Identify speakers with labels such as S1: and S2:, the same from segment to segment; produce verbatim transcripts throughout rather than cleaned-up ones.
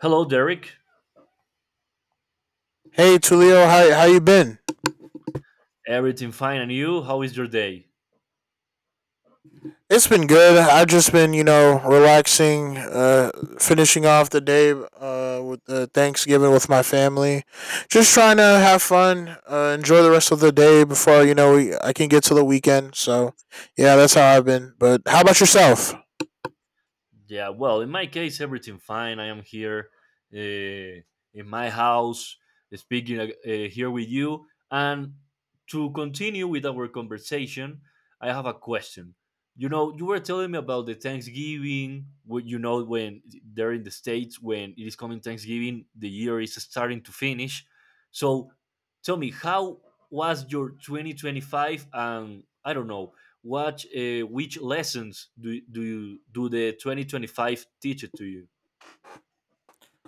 S1: Hello, Derek.
S2: Hey Tulio, how how you been?
S1: Everything fine, and you? How is your day?
S2: It's been good. I've just been, you know, relaxing, uh, finishing off the day uh, with uh, Thanksgiving with my family. Just trying to have fun, uh, enjoy the rest of the day before you know we, I can get to the weekend. So, yeah, that's how I've been. But how about yourself?
S1: Yeah, well, in my case, everything fine. I am here uh, in my house, speaking uh, here with you. And to continue with our conversation, I have a question. You know, you were telling me about the Thanksgiving. What you know when there in the states when it is coming Thanksgiving, the year is starting to finish. So, tell me, how was your twenty twenty-five? And I don't know what uh, which lessons do do you do the twenty twenty-five teach it to you.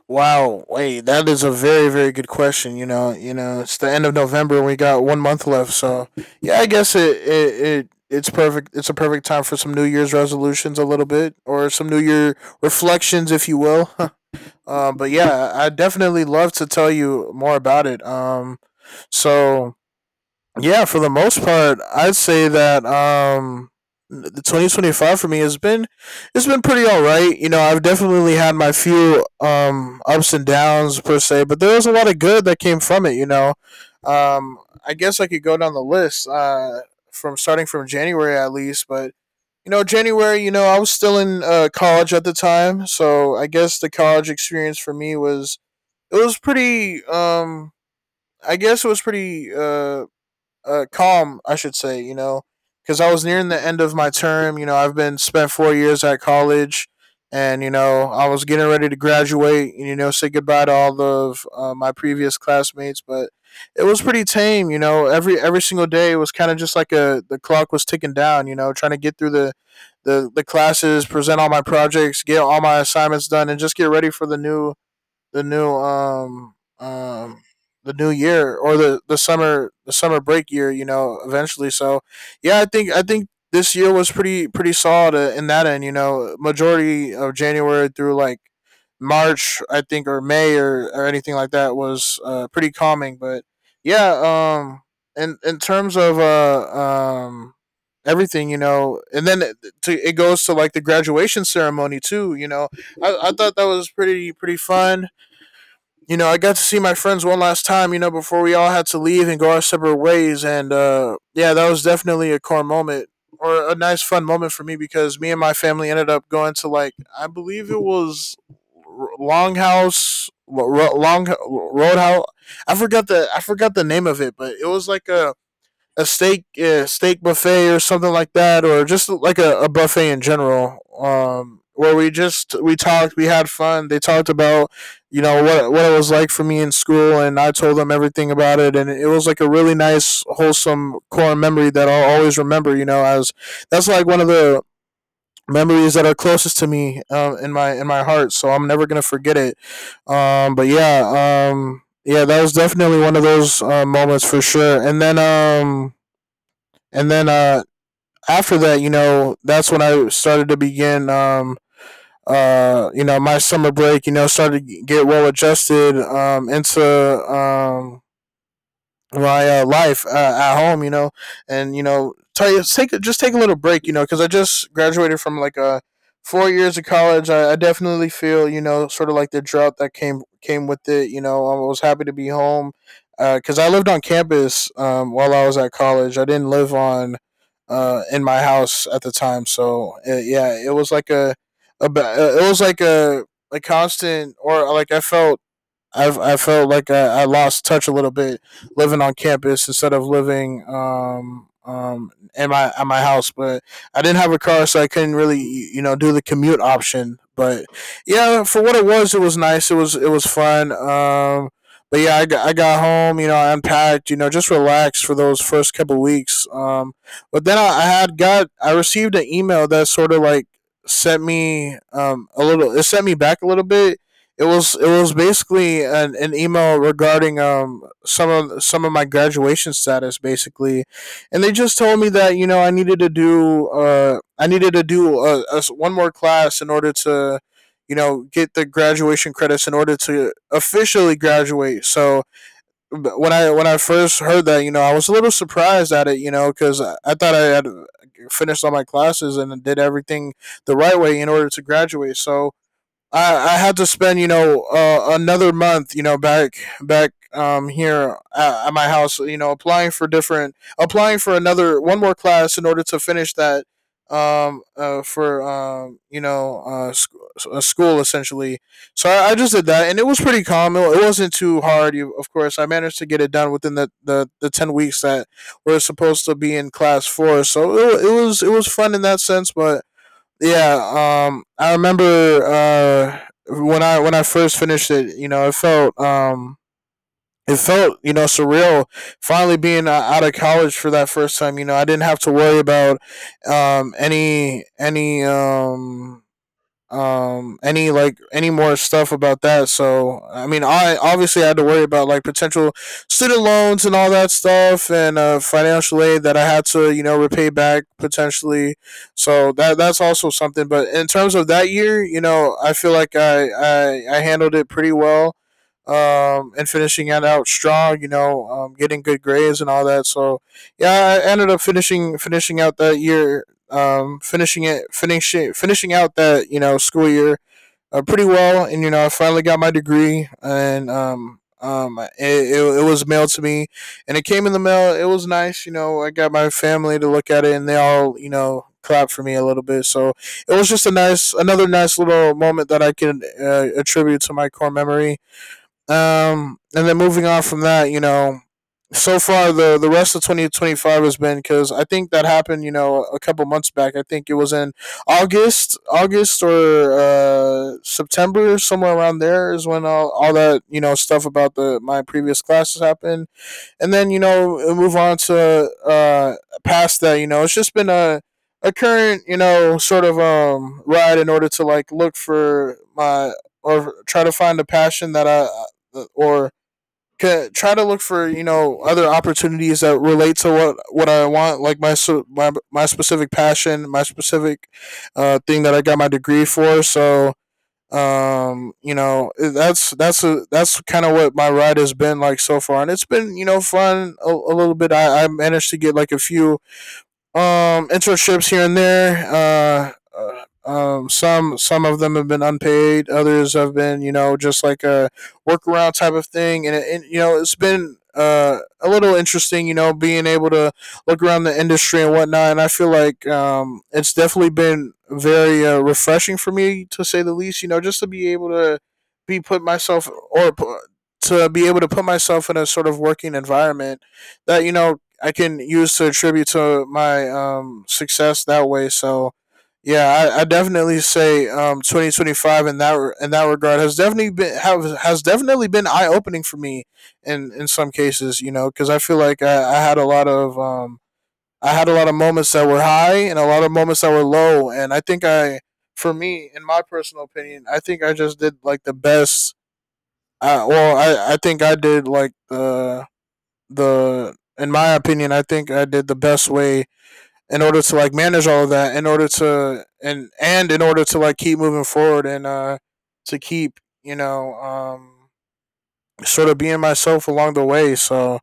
S2: Wow, wait, that is a very very good question. You know, you know, it's the end of November. We got one month left, so yeah, I guess it it, it it's perfect. It's a perfect time for some New Year's resolutions, a little bit, or some New Year reflections, if you will. Um, but yeah, I definitely love to tell you more about it. Um, so yeah, for the most part, I'd say that um the twenty twenty-five for me has been it's been pretty all right. You know, I've definitely had my few um ups and downs per se, but there was a lot of good that came from it, you know. Um I guess I could go down the list uh from starting from January at least, but you know, January, you know, I was still in uh, college at the time, so I guess the college experience for me was it was pretty um I guess it was pretty uh uh, calm, I should say, you know, because I was nearing the end of my term. You know, I've been spent four years at college, and you know, I was getting ready to graduate and you know say goodbye to all of uh, my previous classmates, but it was pretty tame. You know, every every single day was kind of just like a the clock was ticking down. You know, trying to get through the the the classes, present all my projects, get all my assignments done, and just get ready for the new the new um um the new year or the the summer the summer break year. You know, eventually. So yeah, I think I think this year was pretty pretty solid uh, in that end. You know, majority of January through like March, I think, or May or or anything like that was uh, pretty calming. But yeah, um, in in terms of uh um everything you know and then it, to, it goes to like the graduation ceremony too, you know, I, I thought that was pretty pretty fun. You know, I got to see my friends one last time, you know, before we all had to leave and go our separate ways. And uh, yeah, that was definitely a core moment or a nice, fun moment for me because me and my family ended up going to, like, I believe it was Longhouse, Long Roadhouse. I forgot the I forgot the name of it, but it was like a a steak uh, steak buffet or something like that, or just like a, a buffet in general, um, where we just we talked, we had fun. They talked about you know what what it was like for me in school, and I told them everything about it, and it was like a really nice, wholesome core memory that I'll always remember. You know, as that's like one of the memories that are closest to me um, in my in my heart, so I'm never gonna forget it. Um, but yeah um, Yeah, that was definitely one of those uh, moments for sure. And then um, and then uh, after that, you know, that's when I started to begin. Um, uh, you know, my summer break, you know, started to get well adjusted um, into um, my uh, life uh, at home, you know, and you know, t- take just take a little break, you know, because I just graduated from like a four years of college. I, I definitely feel, you know, sort of like the drought that came came with it. You know, I was happy to be home because I lived on campus um, while I was at college. I didn't live on uh, In my house at the time, so uh, yeah, it was like a, a ba- uh, it was like a a constant, or like I felt I've, I felt like I, I lost touch a little bit living on campus instead of living um, um, in my at my house. But I didn't have a car, so I couldn't really you know do the commute option. But yeah, for what it was, it was nice. It was it was fun. Um, but yeah, I got, I got home. You know, I unpacked. You know, just relaxed for those first couple of weeks. Um, but then I, I had got I received an email that sort of like sent me um a little it sent me back a little bit. It was it was basically an, an email regarding um some of some of my graduation status, basically, and they just told me that you know I needed to do uh I needed to do a, a s- one more class in order to you know get the graduation credits in order to officially graduate. So b- when I when I first heard that, you know, I was a little surprised at it, you know, cuz I, I thought I had uh, finished all my classes and did everything the right way in order to graduate. So I, I had to spend, you know, uh, another month, you know, back back um here at, at my house, you know, applying for different applying for another one more class in order to finish that um uh, for um you know uh sc- a school, essentially. So I, I just did that and it was pretty calm. It, it wasn't too hard. You, of course I managed to get it done within the, the the ten weeks that we're supposed to be in class for. So it, it was it was fun in that sense. But yeah, um I remember uh when i when i first finished it, you know, it felt um it felt, you know, surreal finally being uh, out of college for that first time. You know, I didn't have to worry about um any any um um any like any more stuff about that. So I mean, I obviously had to worry about like potential student loans and all that stuff and uh financial aid that I had to you know repay back potentially. So that that's also something. But in terms of that year, you know, I feel like i i, I handled it pretty well, um and finishing it out strong, you know, um getting good grades and all that. So yeah, I ended up finishing finishing out that year, um, finishing it, finishing finishing out that, you know, school year uh, pretty well, and you know I finally got my degree, and um, um, it, it, it was mailed to me, and it came in the mail. It was nice, you know. I got my family to look at it, and they all you know clapped for me a little bit. So it was just a nice, another nice little moment that I can uh, attribute to my core memory. Um, and then, moving on from that, you know, so far the the rest of twenty twenty-five has been, because I think that happened, you know, a couple months back. I think it was in August, August or uh, September, somewhere around there, is when all all that you know stuff about the my previous classes happened. And then you know move on to uh past that, you know it's just been a a current, you know, sort of um ride in order to like look for my or try to find a passion that I uh, or try to look for you know other opportunities that relate to what what I want, like my so- my, my specific passion, my specific uh thing that I got my degree for. So um you know that's that's a, that's kind of what my ride has been like so far, and it's been you know fun a, a little bit. I, I managed to get like a few um internships here and there. Uh, uh, um, some some of them have been unpaid. Others have been, you know, just like a workaround type of thing. And, and you know, it's been uh, a little interesting, you know, being able to look around the industry and whatnot. And I feel like um, it's definitely been very uh, refreshing for me, to say the least. You know, just to be able to be put myself or to be able to put myself in a sort of working environment that you know I can use to attribute to my um success that way. So yeah, I, I definitely say um twenty twenty-five in that re- in that regard has definitely been have, has definitely been eye opening for me in in some cases, you know, cuz I feel like I, I had a lot of um I had a lot of moments that were high and a lot of moments that were low, and I think I for me, in my personal opinion, I think I just did like the best I, well, I, I think I did like the the in my opinion, I think I did the best way in order to like manage all of that, in order to and and in order to like keep moving forward, and uh to keep, you know um sort of being myself along the way. So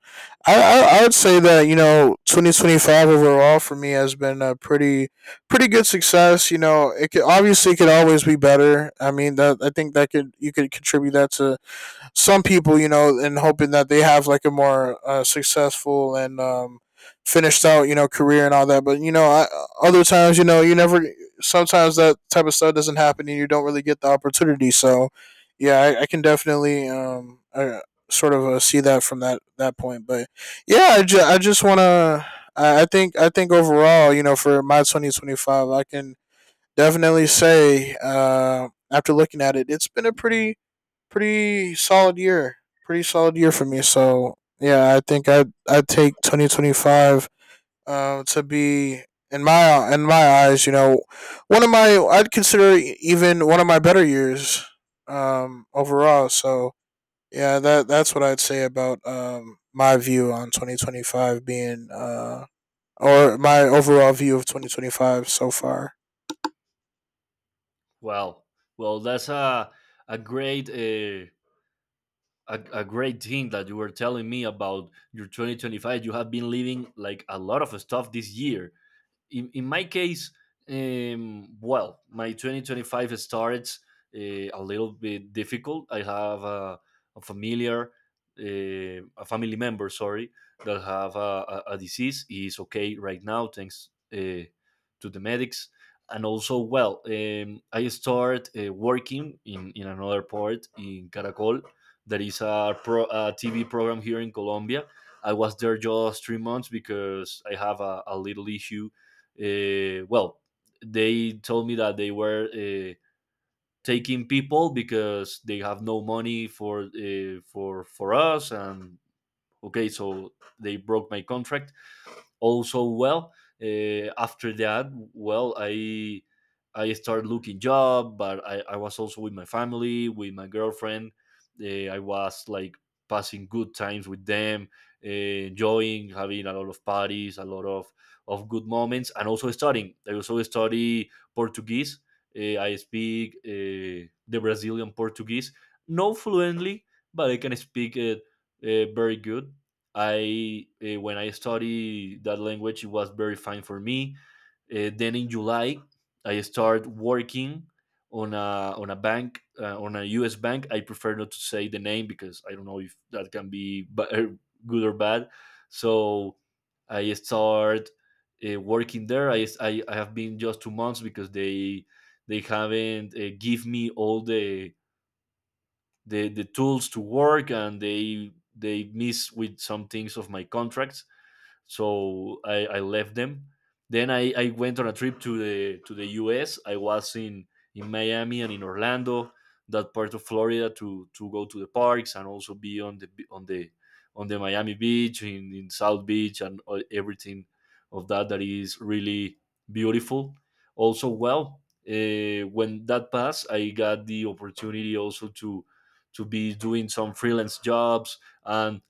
S2: I I, I would say that, you know, twenty twenty-five overall for me has been a pretty pretty good success. You know, it could, obviously it could always be better. I mean that, I think that could, you could contribute that to some people, you know, and hoping that they have like a more uh, successful and um, finished out, you know, career and all that. But you know, I, other times, you know, you never. Sometimes that type of stuff doesn't happen, and you don't really get the opportunity. So, yeah, I, I can definitely um, I, sort of uh, see that from that that point. But yeah, I, ju- I just want to. I I think I think overall, you know, for my twenty twenty five, I can definitely say, uh, after looking at it, it's been a pretty pretty solid year. Pretty solid year for me. So yeah, I think I I take twenty twenty five uh, to be in my in my eyes, you know, one of my, I'd consider e, even one of my better years um, overall. So yeah, that that's what I'd say about um, my view on twenty twenty five being uh, or my overall view of twenty twenty five so far.
S1: Wow, well, that's a a great uh, a, a great thing that you were telling me about your twenty twenty-five. You have been living like a lot of stuff this year. In, in my case, um, well, my twenty twenty-five starts uh, a little bit difficult. I have a, a familiar, uh, a family member, sorry, that have a, a, a disease. He is okay right now, thanks uh, to the medics. And also, well, um, I start uh, working in, in another port in Caracol. That is a, pro, a T V program here in Colombia. I was there just three months because I have a, a little issue. uh, well, they told me that they were uh, taking people because they have no money for uh, for for us, and okay, so they broke my contract. Also, well, uh, after that, well, I I started looking job, but I, I was also with my family, with my girlfriend. Uh, I was like passing good times with them, uh, enjoying, having a lot of parties, a lot of of good moments, and also studying. I also study Portuguese. Uh, I speak uh, the Brazilian Portuguese, not fluently, but I can speak uh, uh, very good. I uh, when I study that language, it was very fine for me. Uh, then in July, I start working on a on a bank, uh, on a U S bank. I prefer not to say the name because I don't know if that can be ba- er, good or bad. So I start uh, working there. I, I I have been just two months because they they haven't uh, give me all the the the tools to work, and they they miss with some things of my contracts, so I, I left them. Then I, I went on a trip to the to the U S. I was in in Miami and in Orlando, that part of Florida, to to go to the parks and also be on the on the on the Miami beach, in, in South Beach, and everything of that that is really beautiful. Also, well, uh, when that passed, I got the opportunity also to to be doing some freelance jobs, and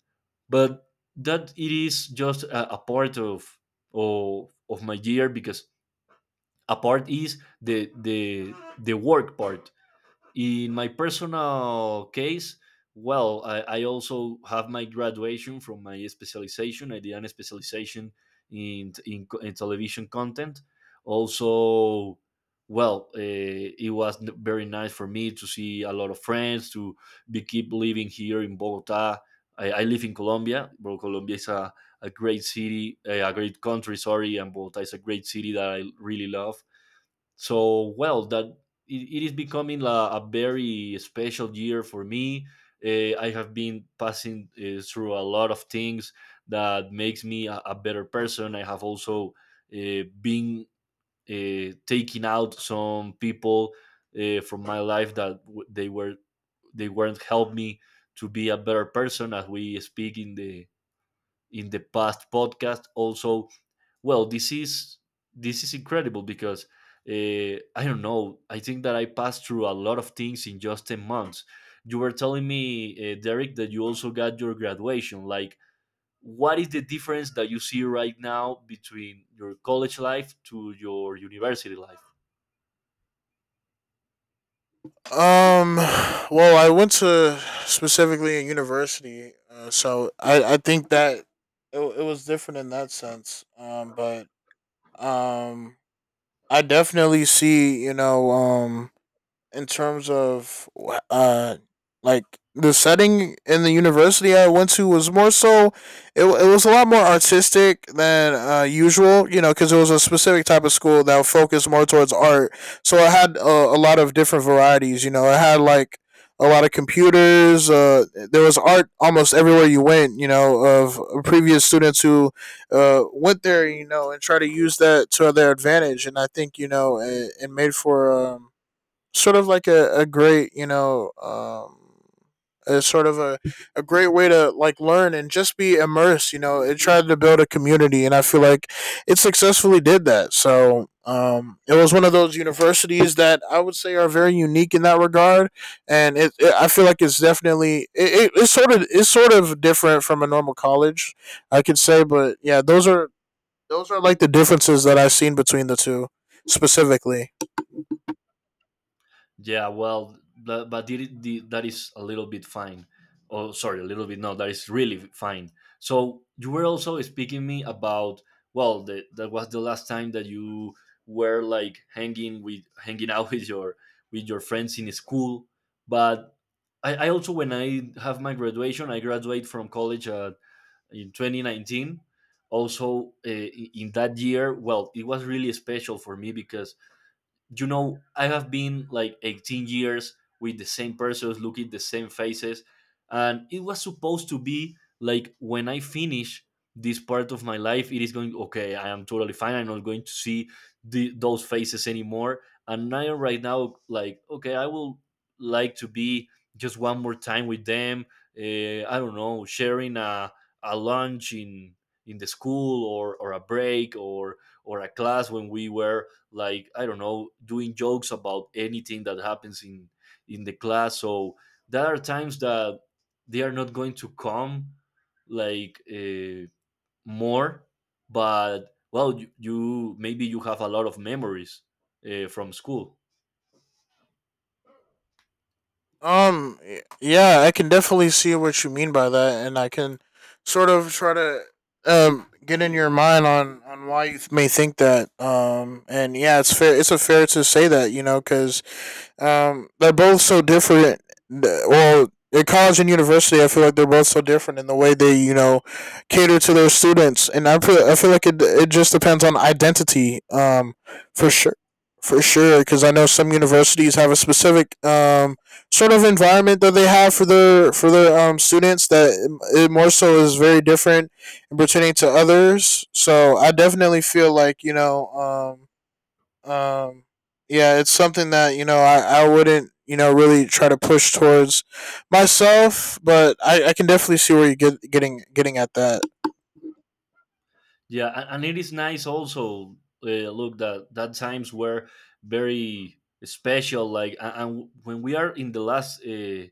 S1: but that it is just a, a part of, of of my year, because a part is the the the work part. In my personal case, well, I, I also have my graduation from my specialization. I did an specialization in in, co- in television content. Also, well, uh, it was n- very nice for me to see a lot of friends, to be keep living here in Bogota. I, I live in Colombia. Bro, Colombia is a, a great city, uh, a great country. Sorry, and Bogota is a great city that I really love, so well that it, it is becoming a, a very special year for me. uh, I have been passing uh, through a lot of things that makes me a, a better person. I have also uh, been uh, taking out some people uh, from my life that w- they were, they weren't help me to be a better person, as we speak in the in the past podcast. Also, well, this is this is incredible because uh, I don't know. I think that I passed through a lot of things in just ten months. You were telling me, uh, Derek, that you also got your graduation. Like, what is the difference that you see right now between your college life to your university life?
S2: Um, well, I went to specifically a university, uh, so I, I think that it, it was different in that sense. Um, but um, I definitely see, you know um in terms of wh- uh like the setting in the university I went to was more so it, it was a lot more artistic than uh, usual, you know, because it was a specific type of school that focused more towards art, so I had a, a lot of different varieties, you know. I had like a lot of computers, uh, there was art almost everywhere you went, you know, of previous students who uh, went there, you know, and try to use that to their advantage. And I think, you know, it, it made for um, sort of like a, a great, you know um a sort of a, a great way to like learn and just be immersed, you know. It tried to build a community, and I feel like it successfully did that. So um it was one of those universities that I would say are very unique in that regard. And it, it I feel like it's definitely it, it, it's sort of it's sort of different from a normal college, I could say. But yeah, those are those are like the differences that I've seen between the two, specifically.
S1: Yeah, well, that, but did it, that is a little bit fine. Oh, sorry, a little bit. No, that is really fine. So you were also speaking me about, well, the, that was the last time that you were like hanging with hanging out with your with your friends in school. But I, I also, when I have my graduation, I graduate from college uh, in twenty nineteen. Also, uh, in in that year, well, it was really special for me because you know I have been like eighteen years with the same persons, looking the same faces. And it was supposed to be like when I finish this part of my life, it is going okay, I am totally fine, I'm not going to see the, those faces anymore. And I am right now like okay, I will like to be just one more time with them, uh, I don't know, sharing a, a lunch in in the school, or, or a break, or or a class when we were, like, I don't know, doing jokes about anything that happens in in the class. So there are times that they are not going to come like uh, more. But well, you, you maybe, you have a lot of memories uh, from school.
S2: Um, y- yeah, I can definitely see what you mean by that, and I can sort of try to um get in your mind on on why you th- may think that. Um, and yeah, it's fair. It's a fair to say that, you know, because um, they're both so different. Well, at college and university, I feel like they're both so different in the way they, you know, cater to their students. And I feel, I feel like it, it just depends on identity. Um, for sure, for sure, because I know some universities have a specific um sort of environment that they have for their for their um students, that it more so is very different in pertaining to others. So I definitely feel like, you know um um yeah, it's something that, you know, I I wouldn't, you know, really try to push towards myself, but i i can definitely see where you're get, getting getting at that.
S1: Yeah, a- and it is nice also. Uh, look, that that times were very special. Like, a- and when we are in the last uh,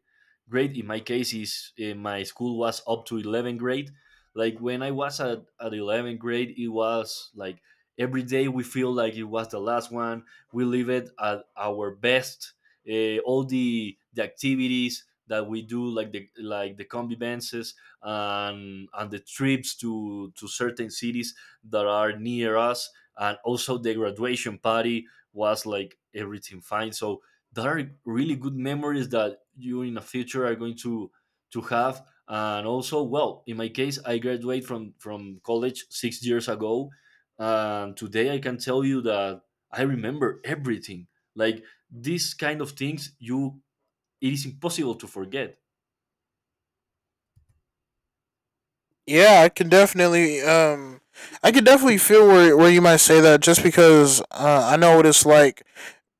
S1: grade, in my case, is uh, my school was up to eleventh grade. Like when I was at at eleventh grade, it was like every day we feel like it was the last one. We live it at our best. Uh, all the the activities that we do, like the like the convivences, and and the trips to to certain cities that are near us, and also the graduation party, was like everything fine. So there are really good memories that you in the future are going to to have. And also, well, in my case, I graduated from from college six years ago, and today I can tell you that I remember everything. Like, these kind of things, you, it is impossible to forget.
S2: Yeah, I can definitely um I can definitely feel where where you might say that, just because uh, I know what it's like.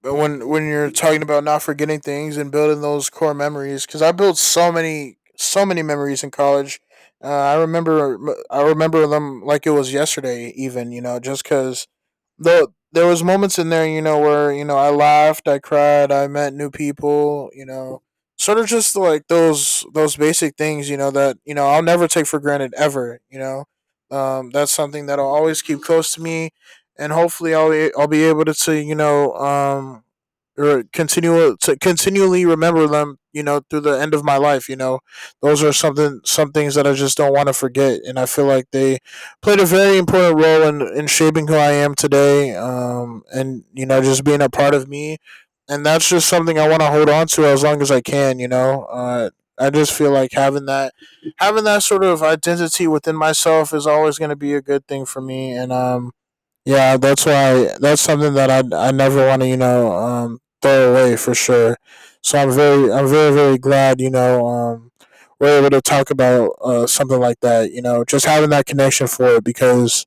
S2: But when when you're talking about not forgetting things and building those core memories, because I built so many so many memories in college. Uh, I remember I remember them like it was yesterday. Even, you know, just because the there was moments in there, you know, where, you know, I laughed, I cried, I met new people, you know, sort of just like those those basic things, you know, that, you know, I'll never take for granted ever. You know, um, that's something that I'll always keep close to me, and hopefully I'll be- I'll be able to, to you know, um or continue to continually remember them, you know, through the end of my life. You know, those are something, some things that I just don't want to forget, and I feel like they played a very important role in in shaping who I am today, um and, you know, just being a part of me. And that's just something I want to hold on to as long as I can, you know. uh I just feel like having that having that sort of identity within myself is always going to be a good thing for me, and um yeah, that's why that's something that I I never want to, you know, um throw away for sure. So I'm very I'm very very glad, you know, um we're able to talk about uh something like that. You know, just having that connection for it, because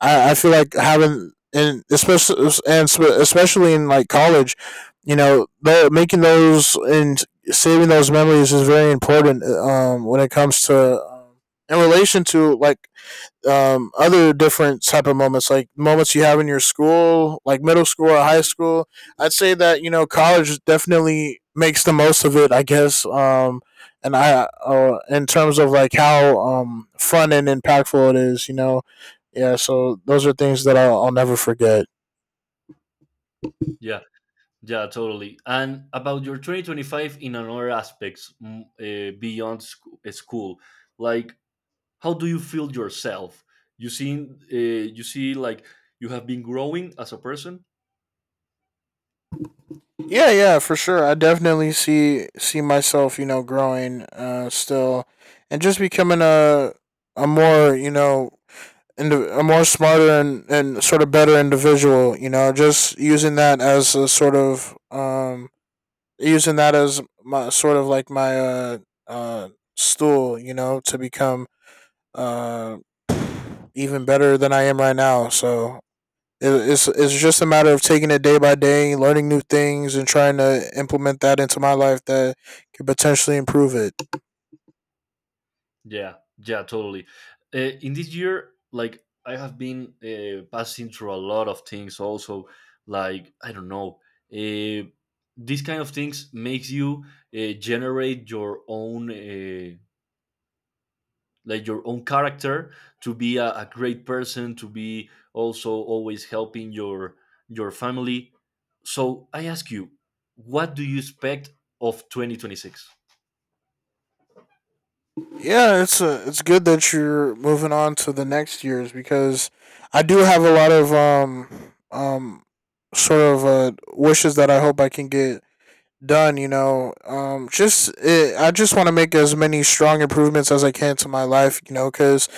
S2: I I feel like having, and especially and spe- especially in like college, you know, the, making those and saving those memories is very important. Uh, Um, when it comes to um, in relation to like um, other different type of moments, like moments you have in your school, like middle school or high school. I'd say that, you know, college definitely makes the most of it, I guess. Um, and I, uh, in terms of like how um, fun and impactful it is, you know, yeah. So those are things that I'll, I'll never forget.
S1: Yeah. Yeah, totally. And about your two thousand twenty-five in another aspects, mm, uh, beyond sc- uh, school, like, how do you feel yourself? You see, uh, you see like you have been growing as a person.
S2: Yeah, yeah, for sure. I definitely see see myself, you know, growing, uh, still, and just becoming a a more, you know, indi- a more smarter and, and sort of better individual. You know, just using that as a sort of um using that as my sort of like my uh uh stool. You know, to become uh even better than I am right now. So it, it's it's just a matter of taking it day by day, learning new things, and trying to implement that into my life that could potentially improve it.
S1: Yeah, yeah, totally. Uh, in this year, like I have been uh, passing through a lot of things. Also, like I don't know, uh, these kind of things makes you uh, generate your own uh, like your own character to be a, a great person, to be also always helping your your family. So I ask you, what do you expect of twenty twenty-six?
S2: Yeah, it's a, it's good that you're moving on to the next years, because I do have a lot of um um sort of uh, wishes that I hope I can get done. You know, um, just it, I just want to make as many strong improvements as I can to my life. You know, because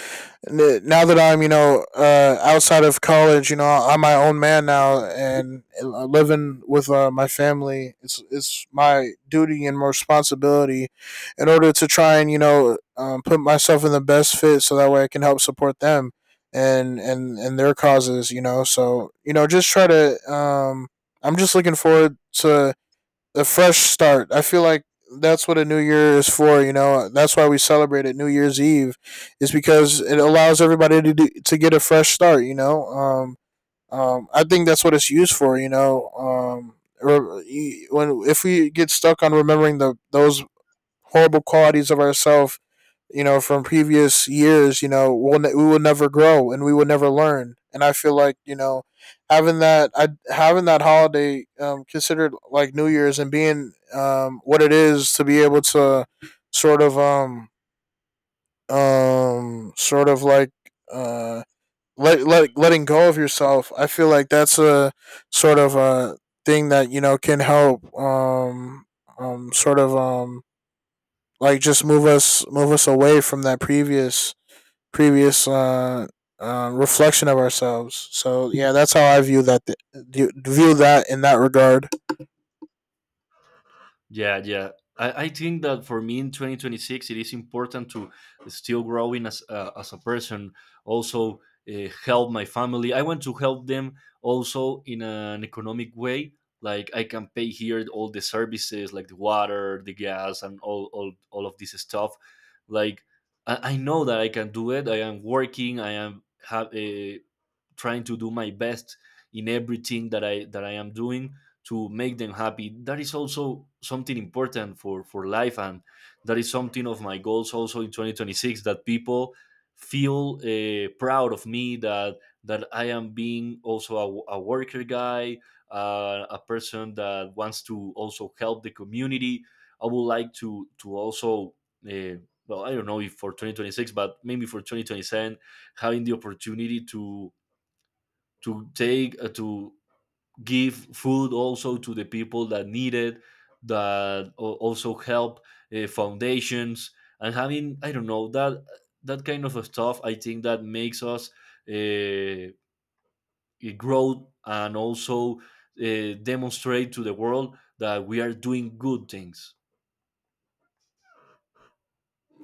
S2: now that I'm, you know, uh, outside of college, you know, I'm my own man now, and uh, living with uh, my family, it's it's my duty and responsibility, in order to try and, you know, um, put myself in the best fit, so that way I can help support them and and and their causes, you know. So you know, just try to. Um, I'm just looking forward to a fresh start. I feel like that's what a new year is for. You know, that's why we celebrate it, New Year's Eve, is because it allows everybody to do, to get a fresh start. You know, um, um, I think that's what it's used for. You know, um, when if we get stuck on remembering the those horrible qualities of ourselves, you know, from previous years, you know, we'll ne- we will never grow and we will never learn. And I feel like, you know, having that I having that holiday, um, considered like New Year's, and being um, what it is to be able to sort of um um sort of like uh let, let, letting go of yourself. I feel like that's a sort of a thing that, you know, can help um um sort of um like just move us move us away from that previous previous uh, uh, reflection of ourselves. So yeah, that's how I view that. View that in that regard.
S1: Yeah, yeah. I, I think that for me in twenty twenty-six, it is important to still growing as uh, as a person. Also, uh, help my family. I want to help them also in an economic way. Like I can pay here all the services, like the water, the gas, and all all, all of this stuff. Like I, I know that I can do it. I am working. I am have uh, trying to do my best in everything that I that I am doing, to make them happy. That is also something important for for life, and that is something of my goals also in twenty twenty-six, that people feel uh, proud of me, that that I am being also a, a worker guy, uh, a person that wants to also help the community. I would like to to also. Uh, well, I don't know if for twenty twenty-six, but maybe for twenty twenty-seven, having the opportunity to to take uh, to give food also to the people that need it, that al- also help uh, foundations, and having, I don't know, that that kind of stuff. I think that makes us uh, grow, and also uh, demonstrate to the world that we are doing good things.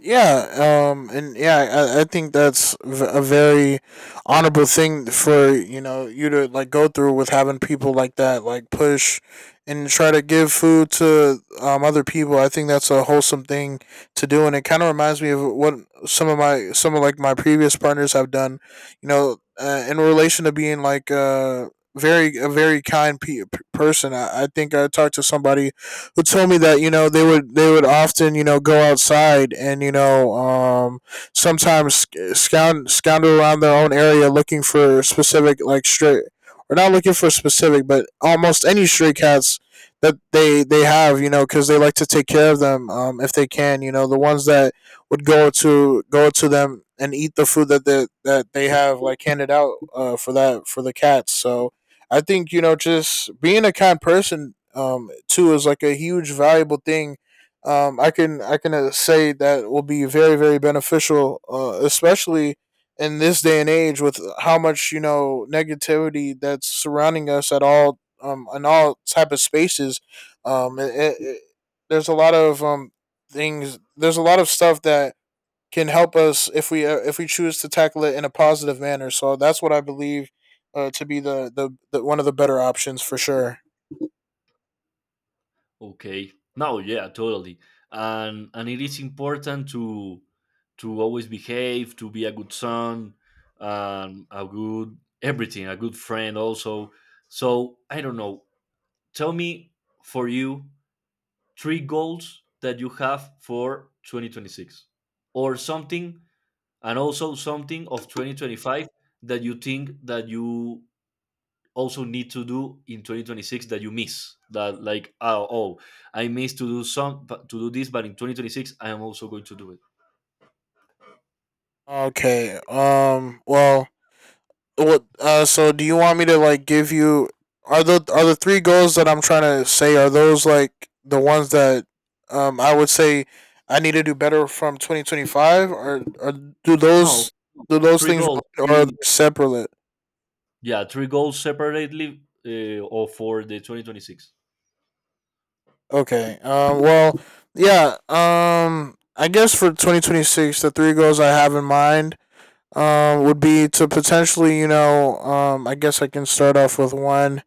S2: Yeah, um, and yeah, I, I think that's v- a very honorable thing for you know you to like go through with having people like that like push and try to give food to um other people. I think that's a wholesome thing to do, and it kind of reminds me of what some of my some of like my previous partners have done. You know, uh, in relation to being like uh very a very kind pe- person. I, I think I talked to somebody who told me that you know they would they would often you know go outside and you know um, sometimes scound scoundrel around their own area looking for specific like stray or not looking for specific but almost any stray cats that they they have you know because they like to take care of them, um, if they can, you know, the ones that would go to go to them and eat the food that they that they have like handed out uh, for that for the cats. So I think, you know, just being a kind person um too is like a huge valuable thing. Um, I can I can uh, say that will be very very beneficial, uh, especially in this day and age with how much, you know, negativity that's surrounding us at all um in all type of spaces. Um, it, it, it- there's a lot of um things. There's a lot of stuff that can help us if we uh, if we choose to tackle it in a positive manner. So that's what I believe uh, to be the, the the one of the better options for sure.
S1: Okay. No, yeah, totally. And and it is important to to always behave, to be a good son, um, a good everything, a good friend also. So I don't know. Tell me, for you, three goals that you have for twenty twenty-six or something, and also something of twenty twenty-five that you think that you also need to do in twenty twenty-six, that you miss, that like, oh, oh, I missed to do some, to do this, but in twenty twenty-six I am also going to do it.
S2: Okay. Um, well, what? Uh, so do you want me to like give you? Are the are the three goals that I'm trying to say are those like the ones that um I would say I need to do better from twenty twenty-five? or or do
S1: No,
S2: those do those
S1: three
S2: things
S1: goals.
S2: relate, or are
S1: Three,
S2: they separate?
S1: yeah, three goals separately, uh, or for the twenty twenty-six?
S2: Okay. Um, well, yeah. Um, I guess for twenty twenty-six, the three goals I have in mind um would be to potentially, you know, um, I guess I can start off with one.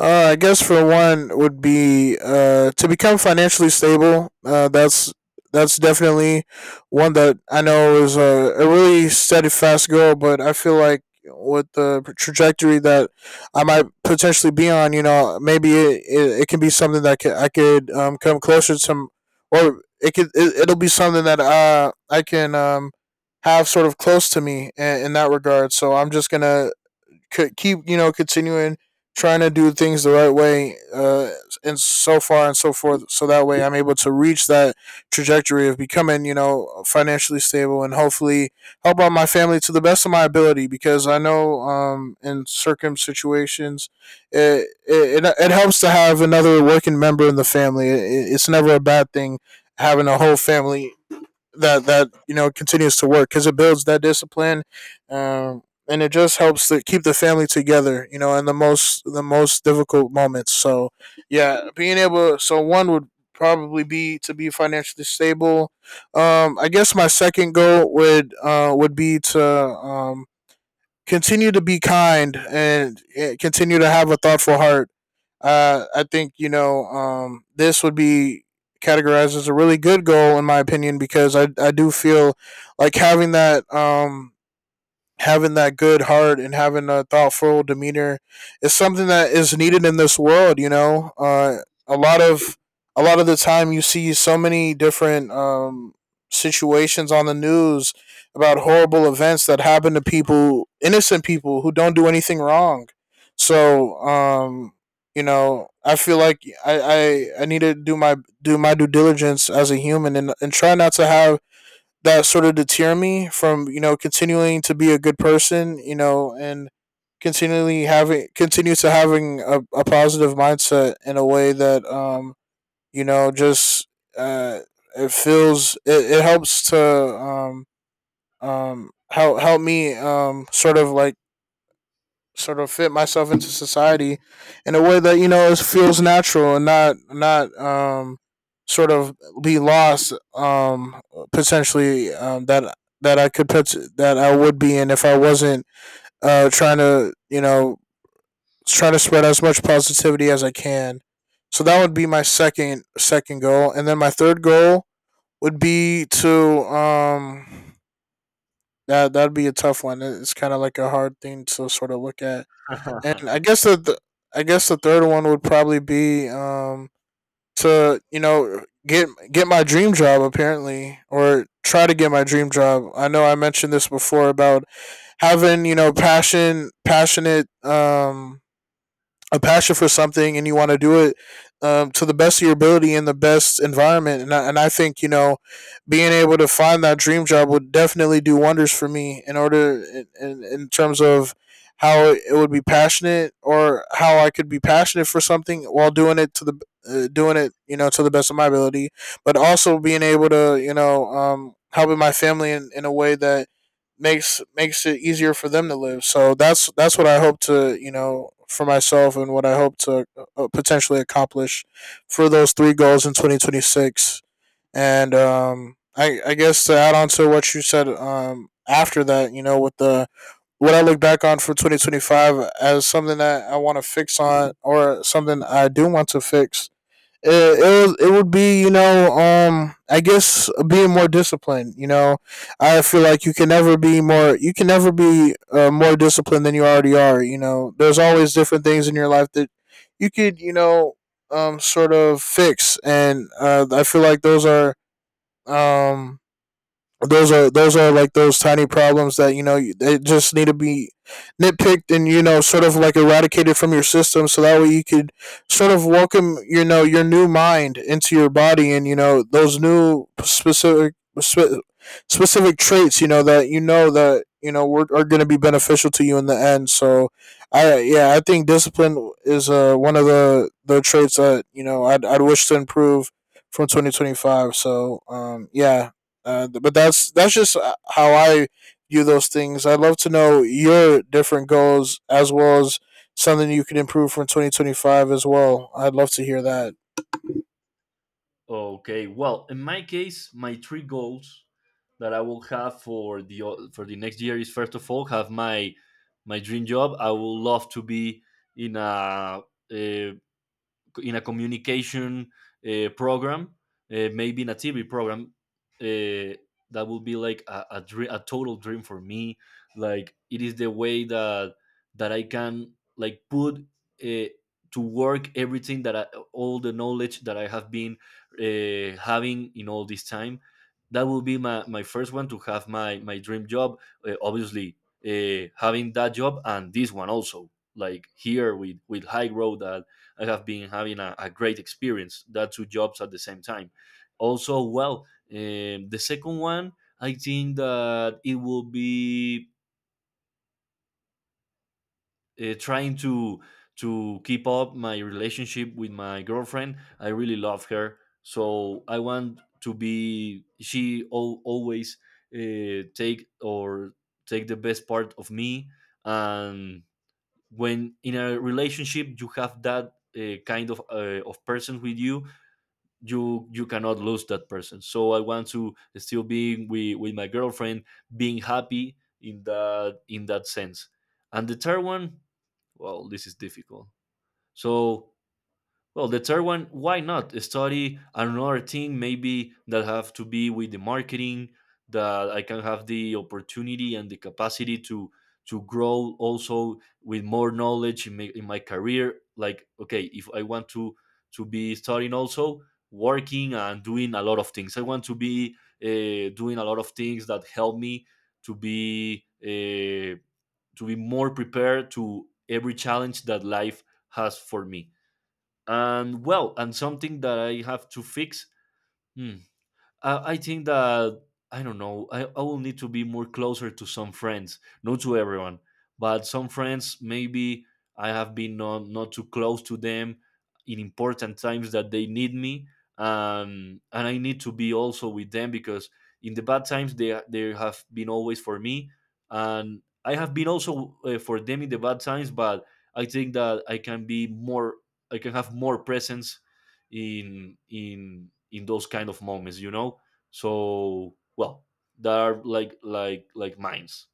S2: uh, I guess for one would be, uh, to become financially stable. Uh, that's that's definitely one that I know is a, a really steadfast goal, but I feel like with the trajectory that I might potentially be on, you know, maybe it, it, it can be something that ca- I could, um, come closer to, or it could it, it'll be something that uh, I can, um, have sort of close to me in, in that regard. So I'm just gonna could keep, you know, continuing trying to do things the right way, uh, and so far and so forth, so that way I'm able to reach that trajectory of becoming, you know, financially stable, and hopefully help out my family to the best of my ability, because I know, um, in certain situations it, it, it, helps to have another working member in the family. It, it's never a bad thing having a whole family that that you know continues to work because it builds that discipline, um, and it just helps to keep the family together, you know, in the most the most difficult moments. So yeah, being able, so one would probably be to be financially stable. Um, I guess my second goal would uh would be to um continue to be kind, and eh, continue to have a thoughtful heart. uh, I think, you know, um, this would be categorized as a really good goal, in my opinion, because I I do feel like having that um, having that good heart and having a thoughtful demeanor is something that is needed in this world. You know, uh, a lot of a lot of the time, you see so many different um, situations on the news about horrible events that happen to people, innocent people who don't do anything wrong. So, um, you know, I feel like I, I, I need to do my do my due diligence as a human and, and try not to have that sort of deter me from, you know, continuing to be a good person, you know, and continually having continue to having a, a positive mindset in a way that um you know just uh it feels it, it helps to um um help help me um sort of like sort of fit myself into society in a way that you know is, feels natural and not not um sort of be lost, um potentially, um that that I could put that I would be in if I wasn't uh trying to, you know, trying to spread as much positivity as I can. So that would be my second second goal, and then my third goal would be to, um that that'd be a tough one. It's kind of like a hard thing to sort of look at. And I guess the, th- I guess the third one would probably be um to, you know, get get my dream job, apparently, or try to get my dream job. I know I mentioned this before about having, you know, passion passionate um a passion for something and you want to do it, um, to the best of your ability in the best environment. And I, and I think, you know, being able to find that dream job would definitely do wonders for me in order, in, in, terms of how it would be passionate or how I could be passionate for something while doing it to the, uh, doing it, you know, to the best of my ability, but also being able to, you know, um, helping my family in, in a way that makes makes it easier for them to live. So that's that's what I hope to, you know, for myself, and what I hope to uh, potentially accomplish for those three goals in twenty twenty-six. And um, I I guess to add on to what you said, um, after that, you know, with the what I look back on for twenty twenty-five as something that I want to fix on, or something I do want to fix, it, it was it would be, you know, um I guess being more disciplined. You know, I feel like you can never be more you can never be, uh, more disciplined than you already are. You know, there's always different things in your life that you could, you know, um sort of fix, and uh, I feel like those are um those are those are like those tiny problems that, you know, they just need to be nitpicked, and you know, sort of like eradicated from your system, so that way you could sort of welcome, you know, your new mind into your body, and you know those new specific spe- specific traits, you know, that you know that you know were, are going to be beneficial to you in the end. So I yeah, I think discipline is, uh, one of the the traits that you know i'd, I'd wish to improve from twenty twenty-five. So um yeah, and but that's that's just, uh, how I view those things. I'd love to know your different goals, as well as something you can improve from twenty twenty-five as well. I'd love to hear that.
S1: Okay. Well, in my case, my three goals that I will have for the o- for the next year is, first of all, have my my dream job. I would love to be in a, uh in a communication uh, program, uh, maybe in a T V program, uh, that would be like a a, dream, a total dream for me. Like, it is the way that that I can like put uh, to work everything that I, all the knowledge that I have been uh, having in all this time. That will be my, my first one, to have my my dream job. Uh, obviously, uh, having that job, and this one also, like here with with High Road, that I have been having a, a great experience. That two jobs at the same time. Also, well, um the second one, I think that it will be uh, trying to to keep up my relationship with my girlfriend. I really love her, so I want to be. She al- always uh, take or take the best part of me. And when in a relationship you have that uh, kind of uh, of person with you, you you cannot lose that person. So I want to still be with, with my girlfriend, being happy in that in that sense. And the third one, well, this is difficult. So, well, the third one, why not study another thing, maybe that have to be with the marketing, that I can have the opportunity and the capacity to to grow also with more knowledge in my, in my career. Like, okay, if I want to to be studying also, working, and doing a lot of things, I want to be uh, doing a lot of things that help me to be uh, to be more prepared to every challenge that life has for me. And well, and something that I have to fix. hmm, uh, I think that I don't know. I, I will need to be more closer to some friends, not to everyone, but some friends. Maybe I have been not not too close to them in important times that they need me, um, and I need to be also with them, because in the bad times they they have been always for me, and I have been also uh, for them in the bad times. But I think that I can be more. I can have more presence in in in those kind of moments, you know. So well, they are like like like mines.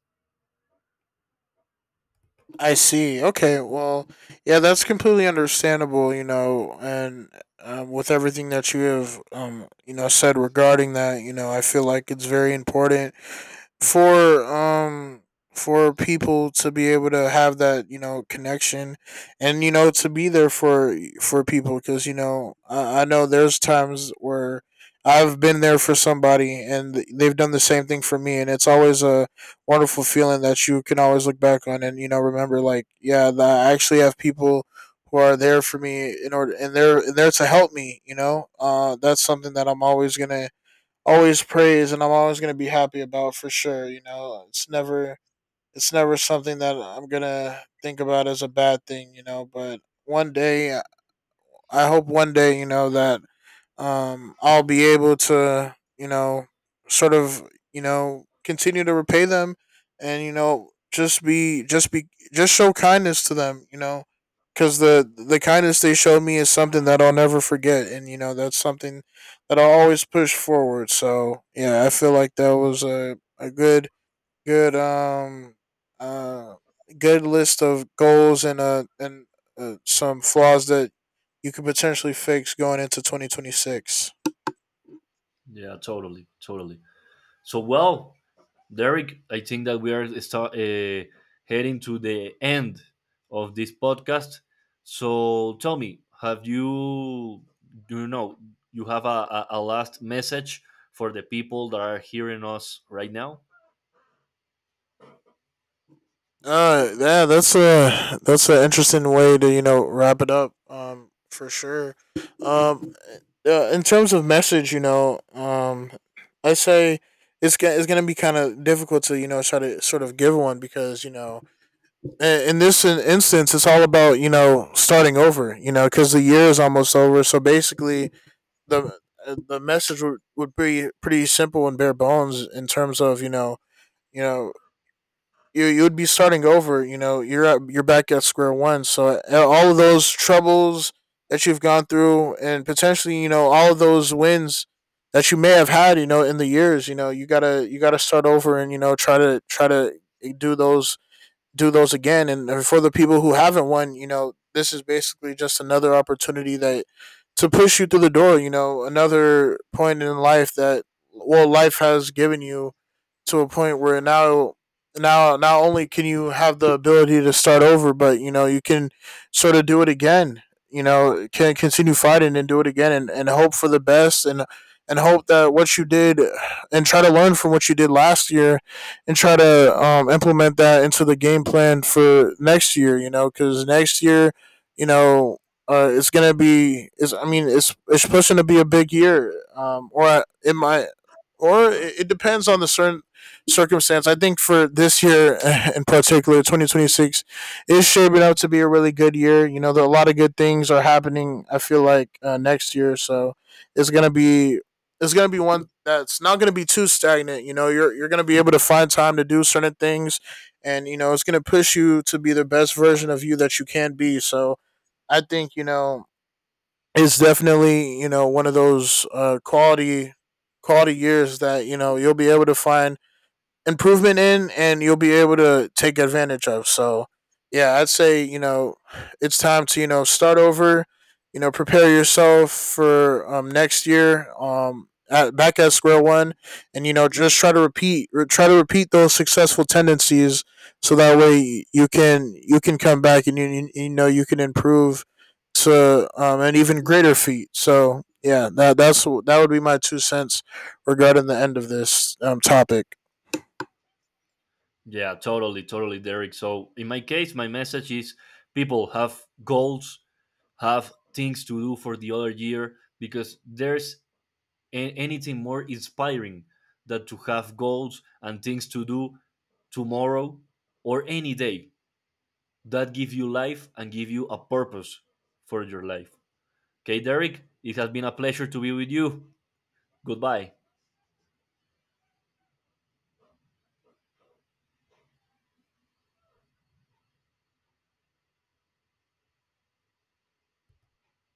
S2: I see. Okay, well, yeah, that's completely understandable. You know, and um, with everything that you have, um, you know, said regarding that, you know, I feel like it's very important for um for people to be able to have that, you know, connection, and you know to be there for for people, because you know I, I know there's times where I've been there for somebody, and they've done the same thing for me, and it's always a wonderful feeling that you can always look back on. And you know, remember, like, yeah, that I actually have people who are there for me in order, and they're and they're to help me, you know. Uh, that's something that I'm always gonna always praise, and I'm always going to be happy about, for sure. You know, it's never it's never something that I'm going to think about as a bad thing, you know, but one day, I hope one day, you know, that um, I'll be able to, you know, sort of, you know, continue to repay them, and you know, just be, just be, just show kindness to them, you know, because the the kindness they showed me is something that I'll never forget, and you know, that's something that I'll always push forward. So yeah, I feel like that was a a good good um uh good list of goals, and uh and uh, some flaws that you could potentially fix going into twenty twenty-six.
S1: Yeah, totally, totally. So well, Derek, I think that we are start, uh, heading to the end of this podcast. So tell me, have you, do you know, you have a, a, a last message for the people that are hearing us right now?
S2: Uh yeah, that's a that's an interesting way to, you know, wrap it up. Um, for sure. Um, uh, in terms of message, you know, um, I say it's go- it's gonna be kind of difficult to, you know, try to sort of give one, because you know in this instance, it's all about, you know, starting over, you know, because the year is almost over. So basically, the uh, the message would, would be pretty simple and bare bones in terms of, you know you know you you would be starting over. You know, you're at, you're back at square one. So uh, all of those troubles that you've gone through, and potentially you know all of those wins that you may have had, you know, in the years, you know, you gotta you gotta start over, and you know try to try to do those do those again. And for the people who haven't won, you know, this is basically just another opportunity that to push you through the door. You know, another point in life that, well, life has given you, to a point where now now not only can you have the ability to start over, but you know you can sort of do it again. You know, can continue fighting and do it again, and, and hope for the best, and and hope that what you did, and try to learn from what you did last year, and try to, um, implement that into the game plan for next year. You know, because next year, you know, uh, it's gonna be is I mean it's it's pushing to be a big year, um, or it might, or it, it depends on the certain circumstance. I think for this year in particular, two thousand twenty-six is shaping up to be a really good year. You know, there are a lot of good things are happening, I feel like, uh, next year. So it's gonna be it's gonna be one that's not gonna be too stagnant. You know, you're you're gonna be able to find time to do certain things, and you know, it's gonna push you to be the best version of you that you can be. So I think you know it's definitely, you know, one of those, uh, quality quality years that you know you'll be able to find improvement in, and you'll be able to take advantage of. So, yeah, I'd say, you know, it's time to, you know, start over, you know, prepare yourself for, um, next year, um, at, back at square one, and, you know, just try to repeat, re- try to repeat those successful tendencies, so that way you can, you can come back, and, you, you, you know, you can improve to, um, an even greater feat. So, yeah, that, that's, that would be my two cents regarding the end of this um, topic.
S1: Yeah, totally, totally, Derek. So, in my case, my message is, people have goals, have things to do for the other year, because there's a- anything more inspiring than to have goals and things to do tomorrow or any day, that give you life and give you a purpose for your life. Okay, Derek, it has been a pleasure to be with you. Goodbye.